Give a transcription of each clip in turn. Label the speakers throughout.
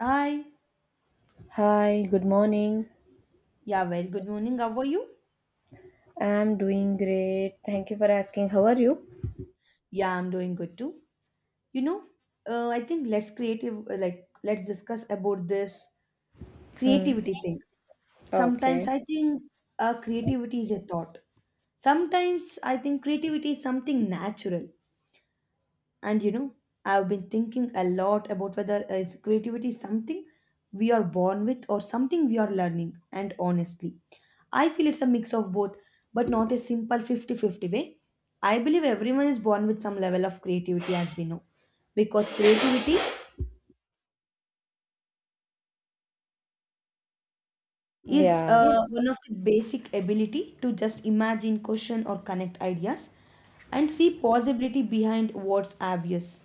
Speaker 1: Hi.
Speaker 2: Hi, good morning.
Speaker 1: Yeah, well, good morning. How are you?
Speaker 2: I'm doing great. Thank you for asking. How are you?
Speaker 1: Yeah, I'm doing good too. You know, I think let's creative like let's discuss about this
Speaker 2: Hmm.
Speaker 1: creativity thing.
Speaker 2: Okay.
Speaker 1: Sometimes I think creativity is a thought. Sometimes I think creativity is something natural. And you know, I've been thinking a lot about whether is creativity something we are born with or something we are learning. And honestly, I feel it's a mix of both, but not a simple fifty-fifty way. I believe everyone is born with some level of creativity as we know because creativity is
Speaker 2: Yeah. Good.
Speaker 1: one of the basic ability to just imagine, question or connect ideas and see possibility behind what's obvious.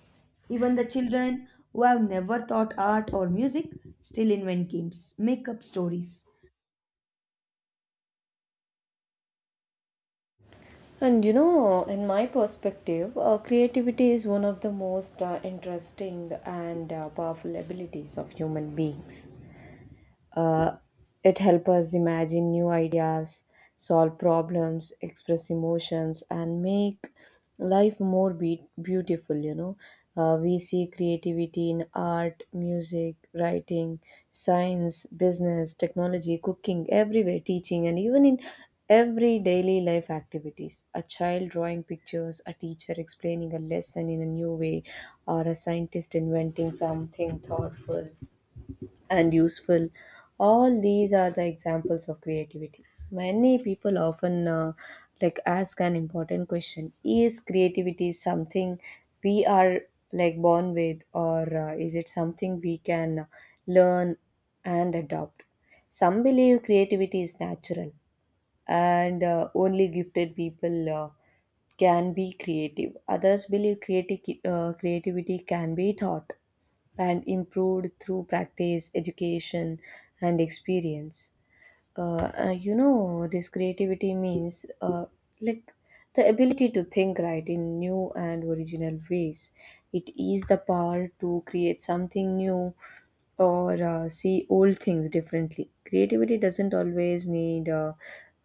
Speaker 1: Even the children who have never thought art or music still invent games, make up stories.
Speaker 2: And you know, in my perspective, creativity is one of the most interesting and powerful abilities of human beings. Uh, it helps us imagine new ideas, solve problems, express emotions, and make life more beautiful. You know, we see creativity in art, music, writing, science, business, technology, cooking, everywhere, teaching, and even in every daily life activities, a child drawing pictures, a teacher explaining a lesson in a new way, or a scientist inventing something thoughtful and useful. All these are the examples of creativity. Many people often like ask an important question: is creativity something we are like born with, or is it something we can learn and adopt? Some believe creativity is natural, and only gifted people can be creative. Others believe creativity can be taught and improved through practice, education, and experience. You know, this creativity means like the ability to think right in new and original ways. It is the power to create something new or see old things differently. Creativity doesn't always need uh,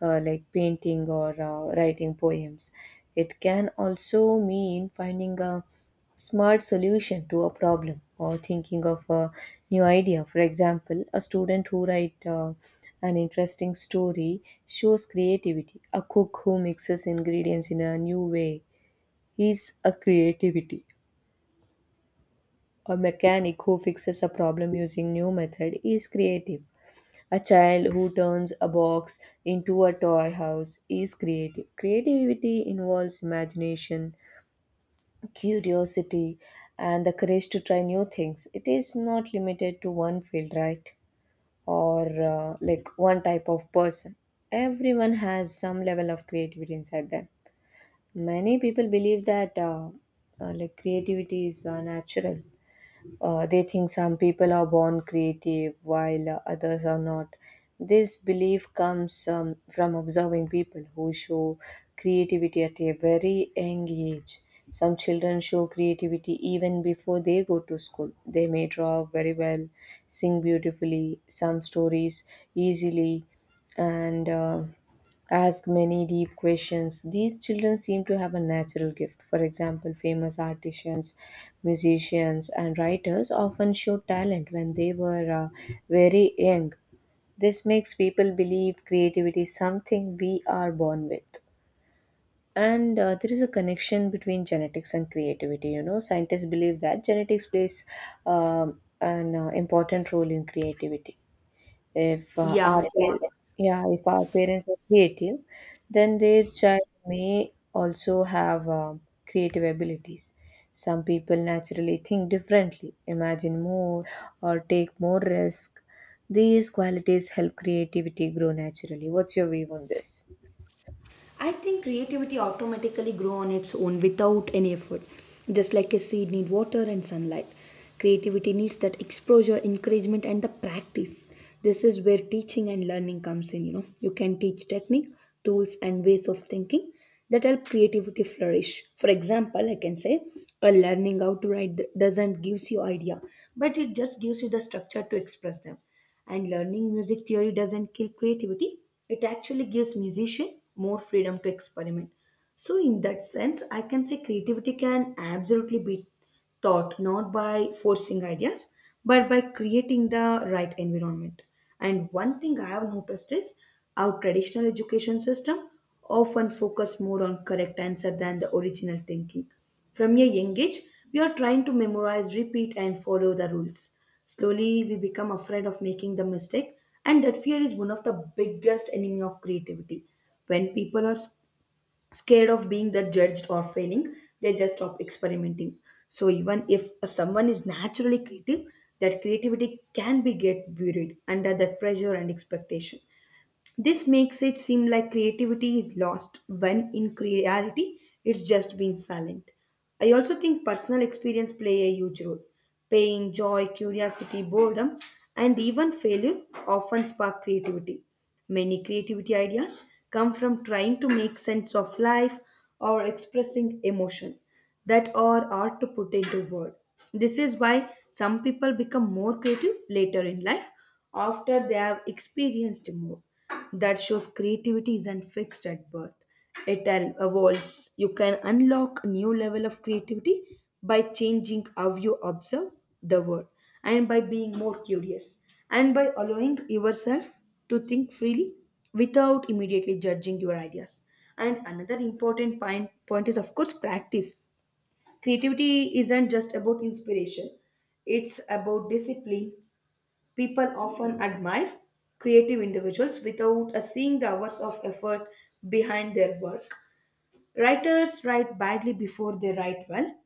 Speaker 2: uh, like painting or writing poems. It can also mean finding a smart solution to a problem or thinking of a new idea. For example, a student who writes an interesting story shows creativity. A cook who mixes ingredients in a new way is a creativity. A mechanic who fixes a problem using new method is creative. A child who turns a box into a toy house is creative. Creativity involves imagination, curiosity, and the courage to try new things. It is not limited to one field, right? Or like one type of person. Everyone has some level of creativity inside them. Many people believe that like creativity is natural. They think some people are born creative while others are not. This belief comes from observing people who show creativity at a very young age. Some children show creativity even before they go to school. They may draw very well, sing beautifully, some stories easily, and ask many deep questions. These children seem to have a natural gift. For example, famous artisans, musicians, and writers often show talent when they were very young. This makes people believe creativity is something we are born with. And there is a connection between genetics and creativity. You know, scientists believe that genetics plays an important role in creativity. If
Speaker 1: Yeah,
Speaker 2: our par- Yeah, if our parents are creative, then their child may also have creative abilities. Some people naturally think differently, imagine more, or take more risk. These qualities help creativity grow naturally. What's your view on this?
Speaker 1: I think creativity automatically grows on its own without any effort. Just like a seed needs water and sunlight. Creativity needs that exposure, encouragement and the practice. This is where teaching and learning comes in, you know. You can teach technique, tools and ways of thinking that help creativity flourish. For example, I can say a learning how to write doesn't gives you idea, but it just gives you the structure to express them. And learning music theory doesn't kill creativity, it actually gives musician more freedom to experiment. So, in that sense, I can say creativity can absolutely be taught not by forcing ideas but by creating the right environment. And one thing I have noticed is our traditional education system often focus more on correct answer than the original thinking from a young age, we are trying to memorize, repeat, and follow the rules. Slowly, we become afraid of making the mistake, and that fear is one of the biggest enemy of creativity. When people are scared of being the judged or failing, they just stop experimenting. So even if someone is naturally creative, that creativity can be get buried under that pressure and expectation. This makes it seem like creativity is lost when in reality it's just been silent. I also think personal experience play a huge role. Pain, joy, curiosity, boredom, and even failure often spark creativity. Many creativity ideas come from trying to make sense of life or expressing emotion that are hard to put into words. This is why some people become more creative later in life after they have experienced more. That shows creativity isn't fixed at birth. It evolves. You can unlock a new level of creativity by changing how you observe the world and by being more curious and by allowing yourself to think freely without immediately judging your ideas. And another important point is, of course, practice. Creativity isn't just about inspiration, it's about discipline. People often admire creative individuals without seeing the hours of effort behind their work. Writers write badly before they write well,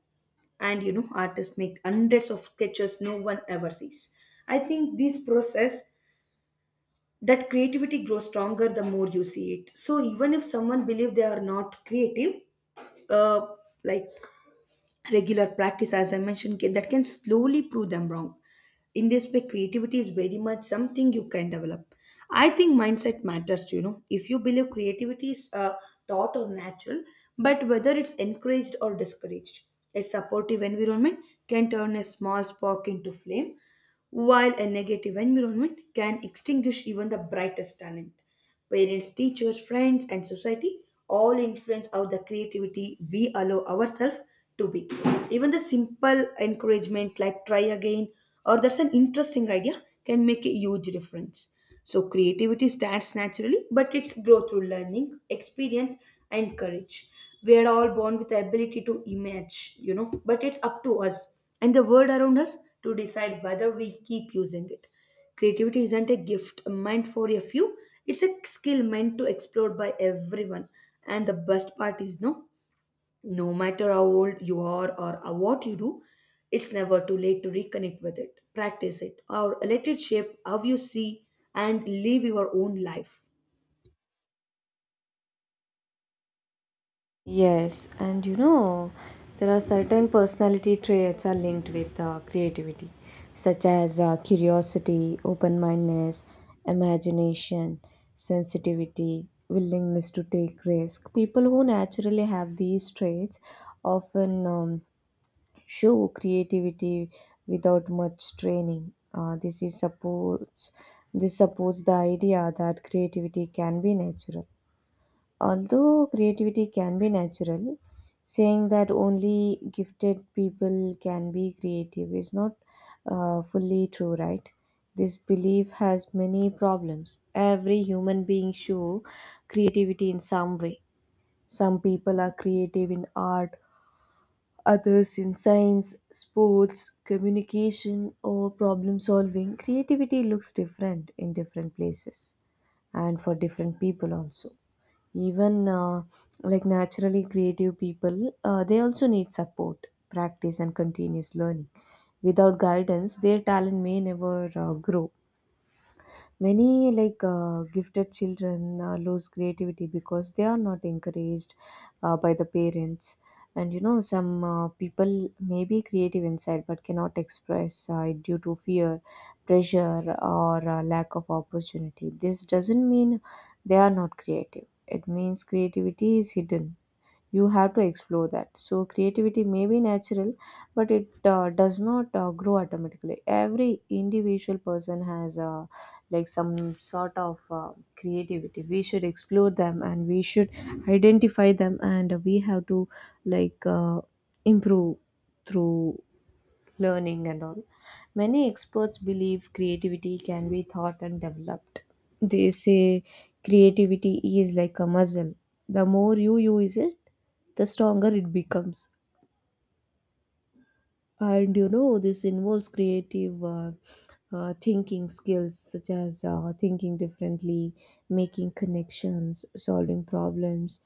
Speaker 1: and you know, artists make hundreds of sketches no one ever sees. I think this process that creativity grows stronger the more you see it. So even if someone believes they are not creative, uh, like regular practice as I mentioned that can slowly prove them wrong. In this way creativity is very much something you can develop. I think mindset matters too, you know, if you believe creativity is taught or natural but whether it's encouraged or discouraged, a supportive environment can turn a small spark into flame while a negative environment can extinguish even the brightest talent. Parents, teachers, friends, and society all influence how the creativity we allow ourselves to be. Even the simple encouragement like try again or that's an interesting idea can make a huge difference. So, creativity starts naturally, but it's growth through learning, experience, and courage. We are all born with the ability to image, you know, but it's up to us and the world around us to decide whether we keep using it. Creativity isn't a gift meant for a few, it's a skill meant to explore by everyone. And the best part is no matter how old you are or what you do, it's never too late to reconnect with it, practice it, or let it shape how you see and live your own life.
Speaker 2: Yes, and you know, there are certain personality traits are linked with creativity, such as curiosity, open-mindedness, imagination, sensitivity, willingness to take risk. People who naturally have these traits often show creativity without much training. This supports the idea that creativity can be natural. Although creativity can be natural, saying that only gifted people can be creative is not fully true, right? This belief has many problems. Every human being show creativity in some way. Some people are creative in art, others in science, sports, communication, or problem solving. Creativity looks different in different places and for different people also. Even like naturally creative people, they also need support, practice, and continuous learning. Without guidance, their talent may never grow. Many gifted children lose creativity because they are not encouraged by the parents. And you know, some people may be creative inside but cannot express it due to fear, pressure, or lack of opportunity. This doesn't mean they are not creative, it means creativity is hidden. You have to explore that. So creativity may be natural, but it does not grow automatically. Every individual person has like some sort of creativity. We should explore them and we should identify them, and we have to like uh, improve through learning and all. Many experts believe creativity can be taught and developed. They say creativity is like a muscle. The more you use it, the stronger it becomes. And you know, this involves creative thinking skills, such as thinking differently, making connections, solving problems,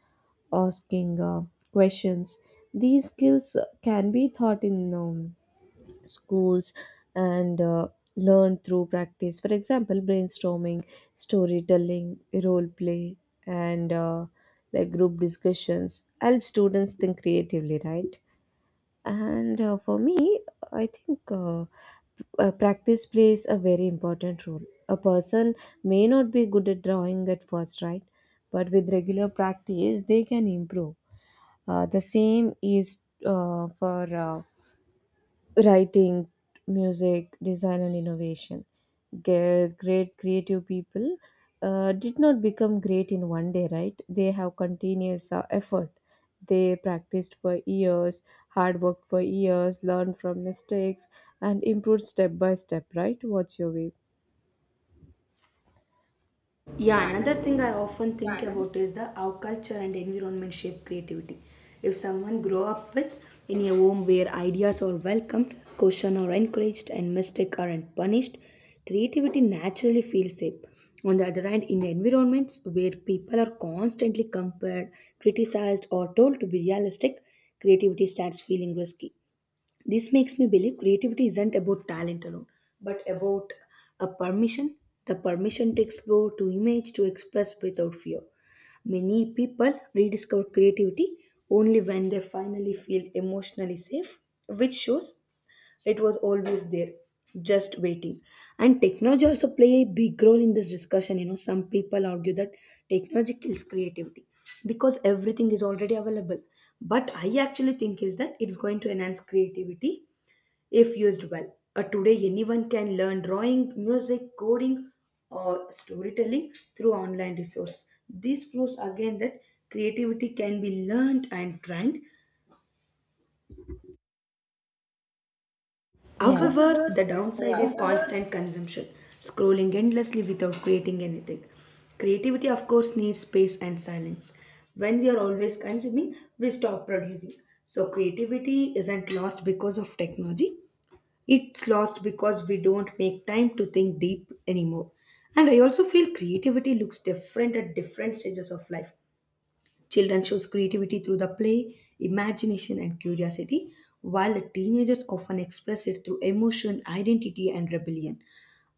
Speaker 2: asking questions. These skills can be taught in schools and learn through practice. For example, brainstorming, storytelling, role play, and like group discussions help students think creatively, right? And for me, I think practice plays a very important role. A person may not be good at drawing at first, right? But with regular practice, they can improve. The same is for writing, music, design, and innovation. Great creative people did not become great in one day, right? They have continuous effort. They practiced for years, hard worked for years, learned from mistakes, and improved step by step, right? What's your view?
Speaker 1: Yeah, another thing I often think about is the how culture and environment shape creativity. If someone grow up with in a home where ideas are welcomed, caution are encouraged, and mistakes aren't punished, creativity naturally feels safe. On the other hand, in environments where people are constantly compared, criticized, or told to be realistic, creativity starts feeling risky. This makes me believe creativity isn't about talent alone, but about a permission, the permission to explore, to image, to express without fear. Many people rediscover creativity only when they finally feel emotionally safe, which shows it was always there just waiting. And technology also play a big role in this discussion, you know. Some people argue that technology kills creativity because everything is already available, but I actually think is that it's going to enhance creativity if used well. Today, anyone can learn drawing, music, coding, or storytelling through online resource. This proves again that creativity can be learned and trained. However, the downside is constant consumption, scrolling endlessly without creating anything. Creativity, of course, needs space and silence. When we are always consuming, we stop producing. So, creativity isn't lost because of technology, it's lost because we don't make time to think deep anymore. And I also feel creativity looks different at different stages of life. Children shows creativity through the play, imagination, and curiosity, while the teenagers often express it through emotion, identity, and rebellion.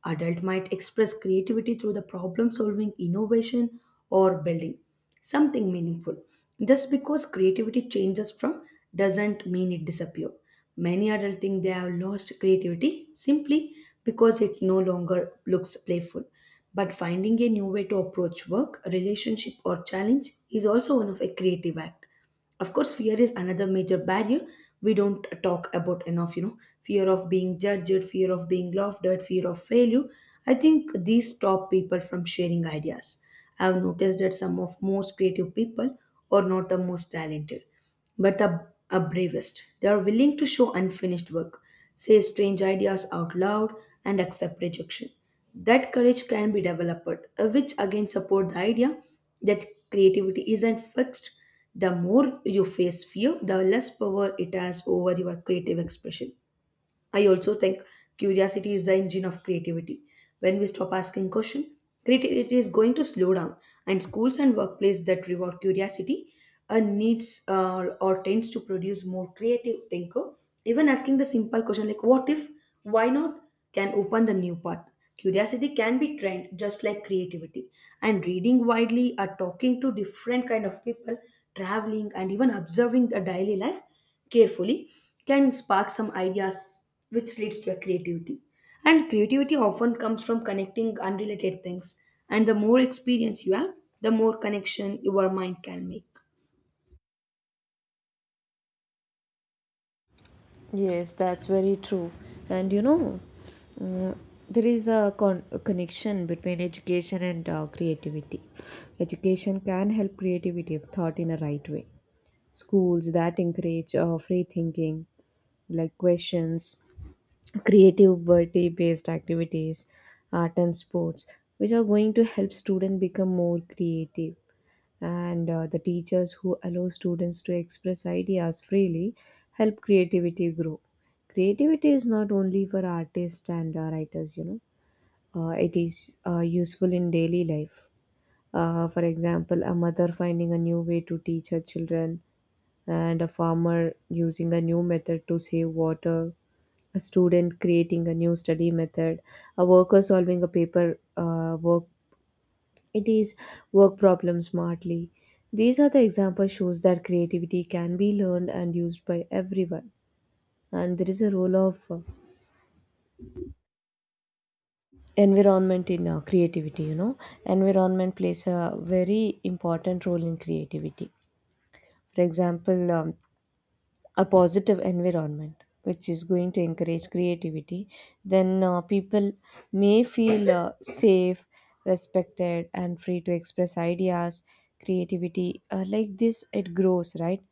Speaker 1: Adult might express creativity through the problem solving, innovation, or building something meaningful. Just because creativity changes from doesn't mean it disappears. Many adults think they have lost creativity simply because it no longer looks playful. But finding a new way to approach work, relationship, or challenge is also one of a creative act. Of course, fear is another major barrier we don't talk about enough, you know. Fear of being judged, fear of being laughed at, fear of failure. I think these stop people from sharing ideas. I've noticed that some of most creative people are not the most talented but the are bravest. They are willing to show unfinished work, say strange ideas out loud, and accept rejection. That courage can be developed, which again support the idea that creativity isn't fixed. The more you face fear, the less power it has over your creative expression. I also think curiosity is the engine of creativity. When we stop asking questions, creativity is going to slow down, and schools and workplaces that reward curiosity needs or tends to produce more creative thinker. Even asking the simple question like "What if?" "Why not?" can open the new path. Curiosity can be trained just like creativity, and reading widely, or talking to different kind of people, traveling, and even observing a daily life carefully can spark some ideas which leads to a creativity. And creativity often comes from connecting unrelated things, and the more experience you have, the more connection your mind can make.
Speaker 2: Yes, that's very true. And you know, mm, there is a, a connection between education and creativity. Education can help creativity if taught in a right way. Schools that encourage free thinking, like questions, creativity based activities, art, and sports, which are going to help students become more creative. And the teachers who allow students to express ideas freely help creativity grow. Creativity is not only for artists and writers, you know. It is useful in daily life. For example, a mother finding a new way to teach her children, and a farmer using a new method to save water, a student creating a new study method, a worker solving a paper work, it is work problem smartly. These are the example shows that creativity can be learned and used by everyone. And there is a role of environment in creativity, you know. Environment plays a very important role in creativity. For example, a positive environment which is going to encourage creativity, then people may feel safe, respected, and free to express ideas. Creativity like this, it grows, right?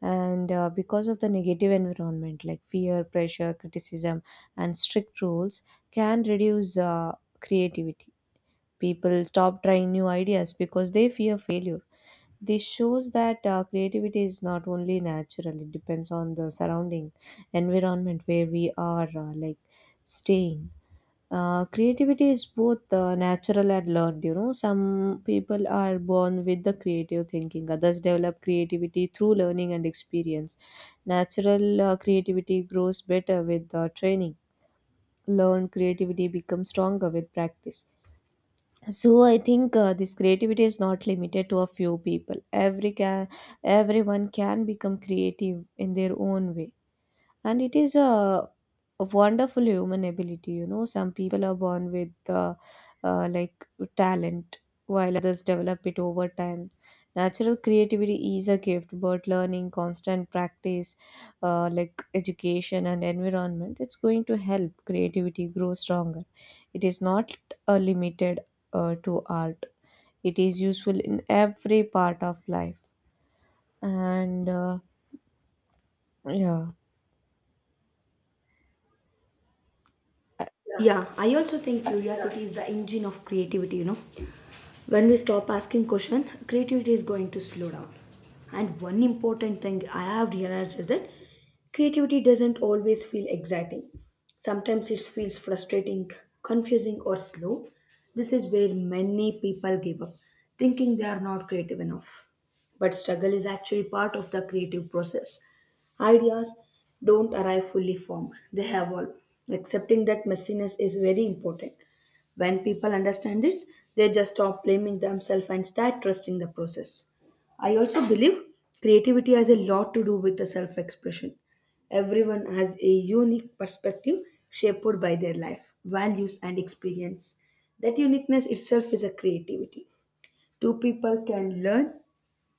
Speaker 2: And because of the negative environment, like fear, pressure, criticism, and strict rules, can reduce creativity. People stop trying new ideas because they fear failure. This shows that creativity is not only natural, it depends on the surrounding environment where we are like staying. Creativity is both natural and learned. You know, some people are born with the creative thinking, others develop creativity through learning and experience. Natural creativity grows better with training. Learned creativity becomes stronger with practice. So I think this creativity is not limited to a few people. Everyone can become creative in their own way, and it is a wonderful human ability. You know, some people are born with like talent, while others develop it over time. Natural creativity is a gift, but learning, constant practice, like education and environment, it's going to help creativity grow stronger. It is not limited to art. It is useful in every part of life. And yeah
Speaker 1: Yeah, I also think curiosity is the engine of creativity, you know. When we stop asking question, creativity is going to slow down, and one important thing I have realized is that creativity doesn't always feel exciting. Sometimes it feels frustrating, confusing or slow. This is where many people give up, thinking they are not creative enough, but struggle is actually part of the creative process. Ideas don't arrive fully formed, they evolve. Accepting that messiness is very important. When people understand it, they just stop blaming themselves and start trusting the process. I also believe creativity has a lot to do with the self expression. Everyone has a unique perspective shaped by their life, values, and experience. That uniqueness itself is a creativity. Two people can learn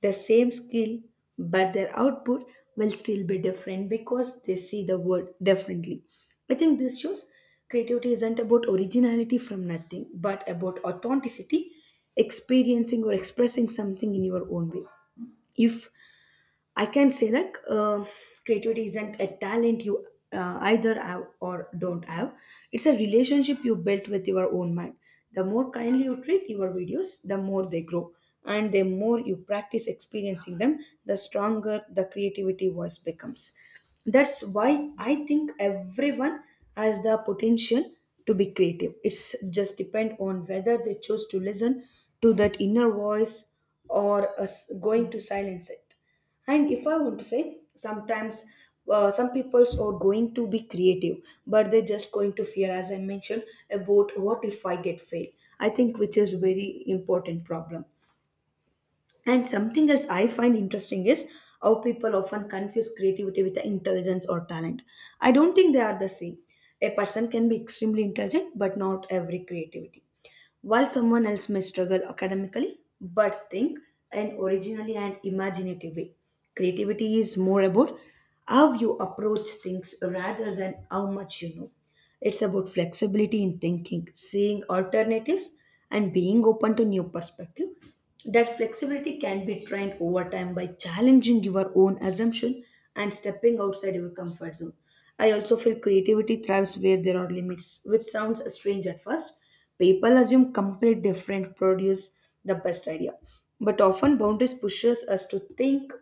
Speaker 1: the same skill, but their output will still be different because they see the world differently. I think this shows creativity isn't about originality from nothing, but about authenticity, experiencing or expressing something in your own way. If I can say like, creativity isn't a talent you either have or don't have. It's a relationship you built with your own mind. The more kindly you treat your videos, the more they grow. And the more you practice experiencing them, the stronger the creativity voice becomes. That's why I think everyone has the potential to be creative. It's just depend on whether they choose to listen to that inner voice or us going to silence it. And if I want to say sometimes, some peoples are going to be creative, but they're just going to fear, as I mentioned, about what if I get fail. I think which is very important problem. And something else I find interesting is how people often confuse creativity with the intelligence or talent. I don't think they are the same. A person can be extremely intelligent, but not every creativity. While someone else may struggle academically, but think and originally and imaginative way. Creativity is more about how you approach things rather than how much you know. It's about flexibility in thinking, seeing alternatives, and being open to new perspective. That flexibility can be trained over time by challenging your own assumption and stepping outside your comfort zone. I also feel creativity thrives where there are limits, which sounds strange at first. People assume complete different produce the best idea, but often boundaries pushes us to think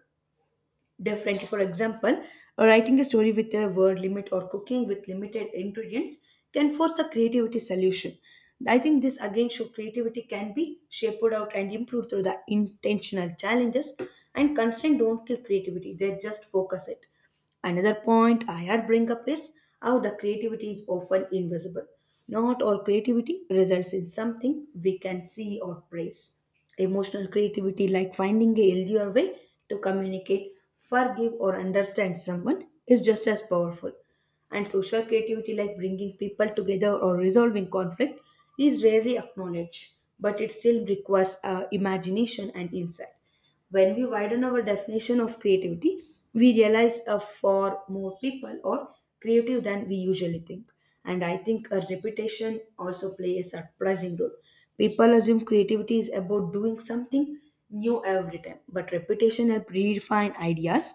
Speaker 1: differently. For example, writing a story with a word limit or cooking with limited ingredients can force the creativity solution. I think this again show creativity can be shaped out and improved through the intentional challenges, and constraint don't kill creativity, they just focus it. Another point I had bring up is how the creativity is often invisible. Not all creativity results in something we can see or praise. Emotional creativity, like finding a healthier way to communicate, forgive, or understand someone, is just as powerful. And social creativity, like bringing people together or resolving conflict, is rarely acknowledged, but it still requires imagination and insight. When we widen our definition of creativity, we realize for more people are creative than we usually think. And I think a repetition also plays a surprising role. People assume creativity is about doing something new every time, but repetition helps redefine ideas.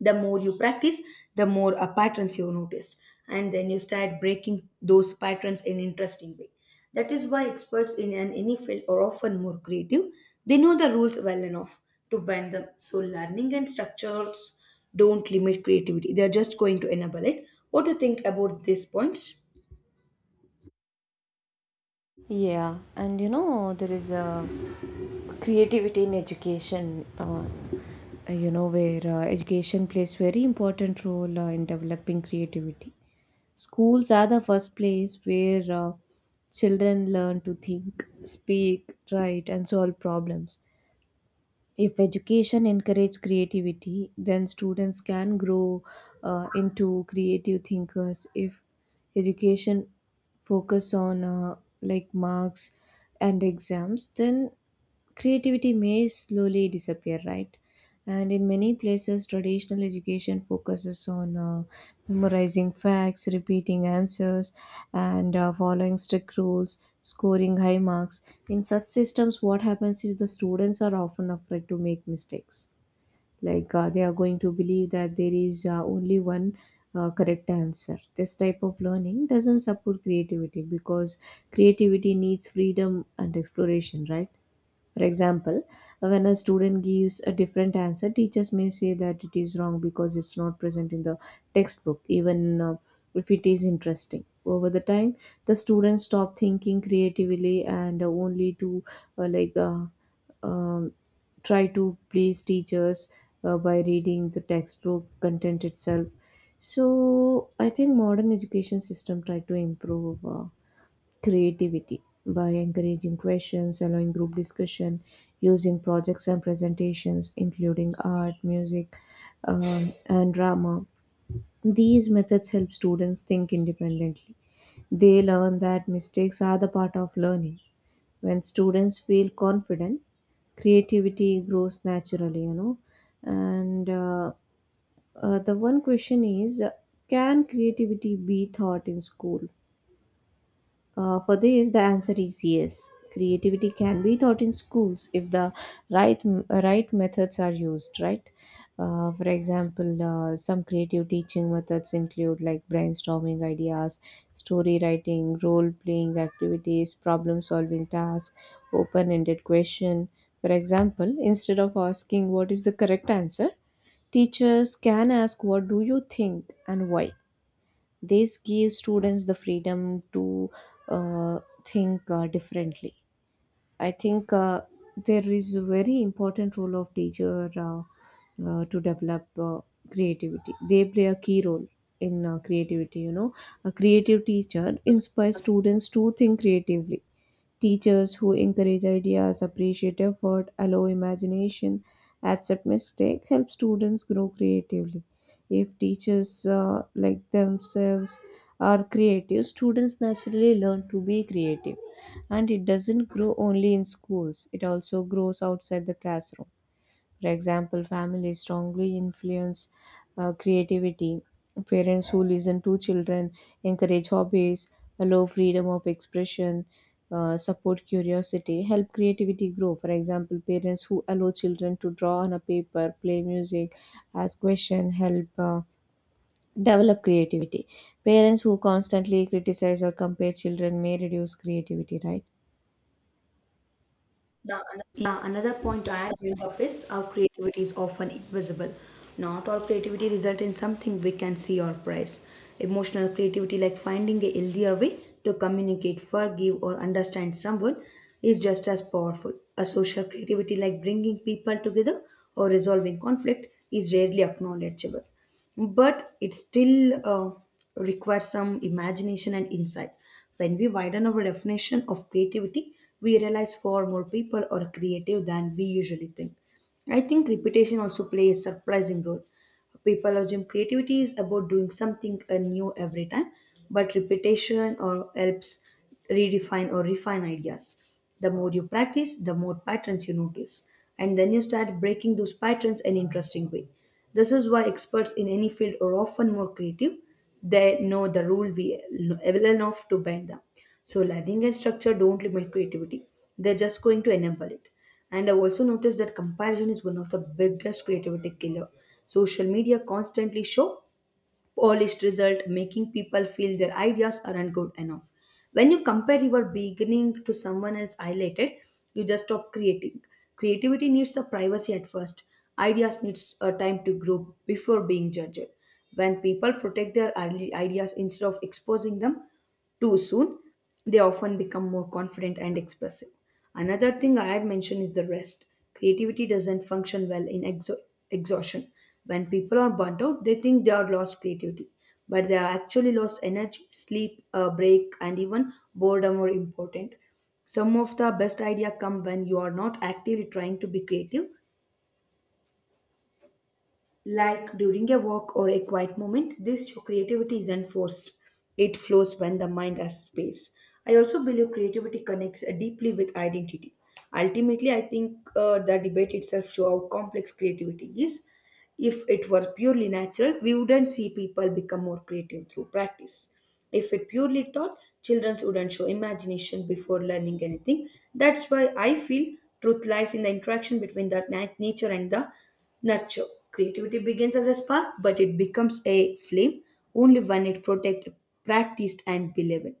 Speaker 1: The more you practice, the more patterns you noticed, and then you start breaking those patterns in interesting way. That is why experts in an any field are often more creative. They know the rules well enough to bend them. So learning and structures don't limit creativity, they are just going to enable it. What do you think about these points?
Speaker 2: Yeah, and you know, there is a creativity in education, you know, where education plays very important role in developing creativity. Schools are the first place where children learn to think, speak, write, and solve problems. If education encourages creativity, then students can grow into creative thinkers. If education focus on like marks and exams, then creativity may slowly disappear, right? And in many places, traditional education focuses on memorizing facts, repeating answers, and following strict rules, scoring high marks. In such systems, what happens is the students are often afraid to make mistakes. Like they are going to believe that there is only one correct answer. This type of learning doesn't support creativity because creativity needs freedom and exploration, right? For example, when a student gives a different answer, teachers may say that it is wrong because it's not present in the textbook, even if it is interesting. Over the time, the students stop thinking creatively and only to uh, like uh, um, try to please teachers by reading the textbook content itself. So I think modern education system try to improve. Creativity by encouraging questions, allowing group discussion, using projects and presentations, including art, music, and drama. These methods help students think independently. They learn that mistakes are the part of learning. When students feel confident, creativity grows naturally, you know. And the one question is, can creativity be taught in school? For this, the answer is yes. Creativity can be taught in schools if the right right methods are used, right? For example, some creative teaching methods include like brainstorming ideas, story writing, role playing activities, problem solving tasks, open ended question. For example, instead of asking what is the correct answer, teachers can ask what do you think and why. This gives students the freedom to uh, think differently. I think there is a very important role of teacher, to develop creativity. They play a key role in creativity, you know. A creative teacher inspires students to think creatively. Teachers who encourage ideas, appreciate effort, allow imagination, accept mistake help students grow creatively. If teachers like themselves are creative, students naturally learn to be creative. And it doesn't grow only in schools, it also grows outside the classroom. For example, families strongly influence creativity. Parents who listen to children, encourage hobbies, allow freedom of expression, support curiosity, help creativity grow. For example, parents who allow children to draw on a paper, play music, ask question, help develop creativity. Parents who constantly criticize or compare children may reduce creativity, right? Yeah.
Speaker 1: Yeah, another point I bring up is our creativity is often invisible. Not all creativity results in something we can see or prize. Emotional creativity, like finding a healthier way to communicate, forgive, or understand someone, is just as powerful. A social creativity, like bringing people together or resolving conflict, is rarely acknowledgeable, but it still requires some imagination and insight. When we widen our definition of creativity, we realize far more people are creative than we usually think. I think repetition also plays a surprising role. People assume creativity is about doing something new every time, but repetition or helps redefine or refine ideas. The more you practice, the more patterns you notice, and then you start breaking those patterns in an interesting way. This is why experts in any field are often more creative. They know the rule we well enough to bend them. So learning and structure don't limit creativity. They're just going to enable it. And I also noticed that comparison is one of the biggest creativity killer. Social media constantly show polished result, making people feel their ideas aren't good enough. When you compare your beginning to someone else highlighted, you just stop creating. Creativity needs a privacy at first. Ideas needs a time to grow before being judged. When people protect their early ideas instead of exposing them too soon, they often become more confident and expressive. Another thing I had mentioned is the rest. Creativity doesn't function well in exhaustion. When people are burnt out, they think they are lost creativity, but they are actually lost energy. Sleep, a break, and even boredom are important. Some of the best ideas come when you are not actively trying to be creative, like during a walk or a quiet moment. This creativity isn't forced. It flows when the mind has space. I also believe creativity connects deeply with identity. Ultimately, I think the debate itself shows how complex creativity is. If it were purely natural, we wouldn't see people become more creative through practice. If it purely thought, children wouldn't show imagination before learning anything. That's why I feel truth lies in the interaction between nature and the nurture. Creativity begins as a spark, but it becomes a flame only when it protect, practiced, and beloved.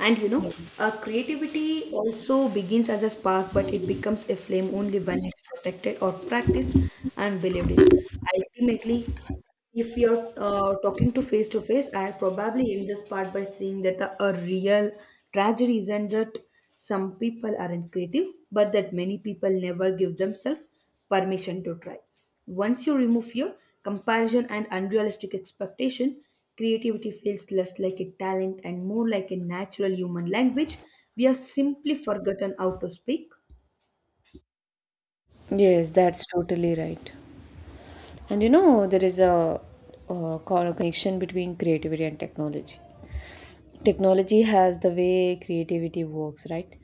Speaker 1: And you know, creativity also begins as a spark, but it becomes a flame only when it's protected or practiced and believed in. Ultimately, if you're talking to face, I probably end this part by saying that a real tragedy isn't that some people aren't creative, but that many people never give themselves permission to try. Once you remove fear, comparison, and unrealistic expectation, creativity feels less like a talent and more like a natural human language we have simply forgotten how to speak.
Speaker 2: Yes, that's totally right. And you know, there is a, co- connection between creativity and technology. Technology has the way creativity works, right?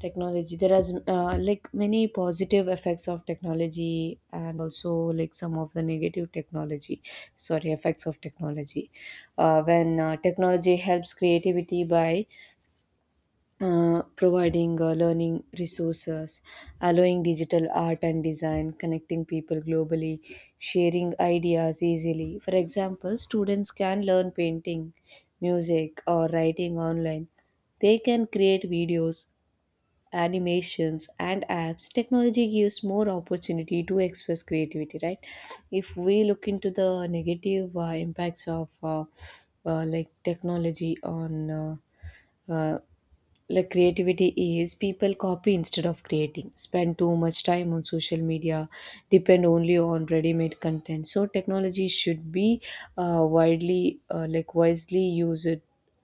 Speaker 2: Technology, there is like many positive effects of technology and also like some of the negative technology, sorry, effects of technology. When technology helps creativity by providing learning resources, allowing digital art and design, connecting people globally, sharing ideas easily. For example, students can learn painting, music, or writing online. They can create videos, animations, and apps. Technology gives more opportunity to express creativity, right? If we look into the negative impacts of like technology on uh, like creativity is people copy instead of creating, spend too much time on social media, depend only on ready-made content. So technology should be widely like wisely used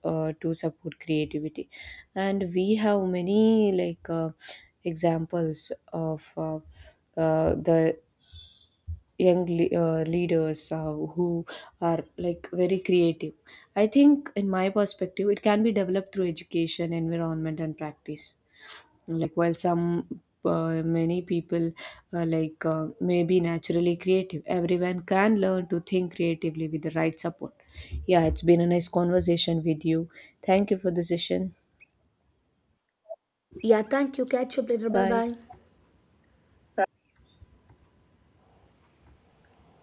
Speaker 2: to support creativity. And we have many examples of the young leaders who are like very creative. I think, in my perspective, it can be developed through education, environment, and practice. Like while some many people may be naturally creative, everyone can learn to think creatively with the right support. Yeah, it's been a nice conversation with you. Thank you for the session.
Speaker 1: Yeah, thank you. Catch up later. Bye
Speaker 2: Bye.
Speaker 1: bye.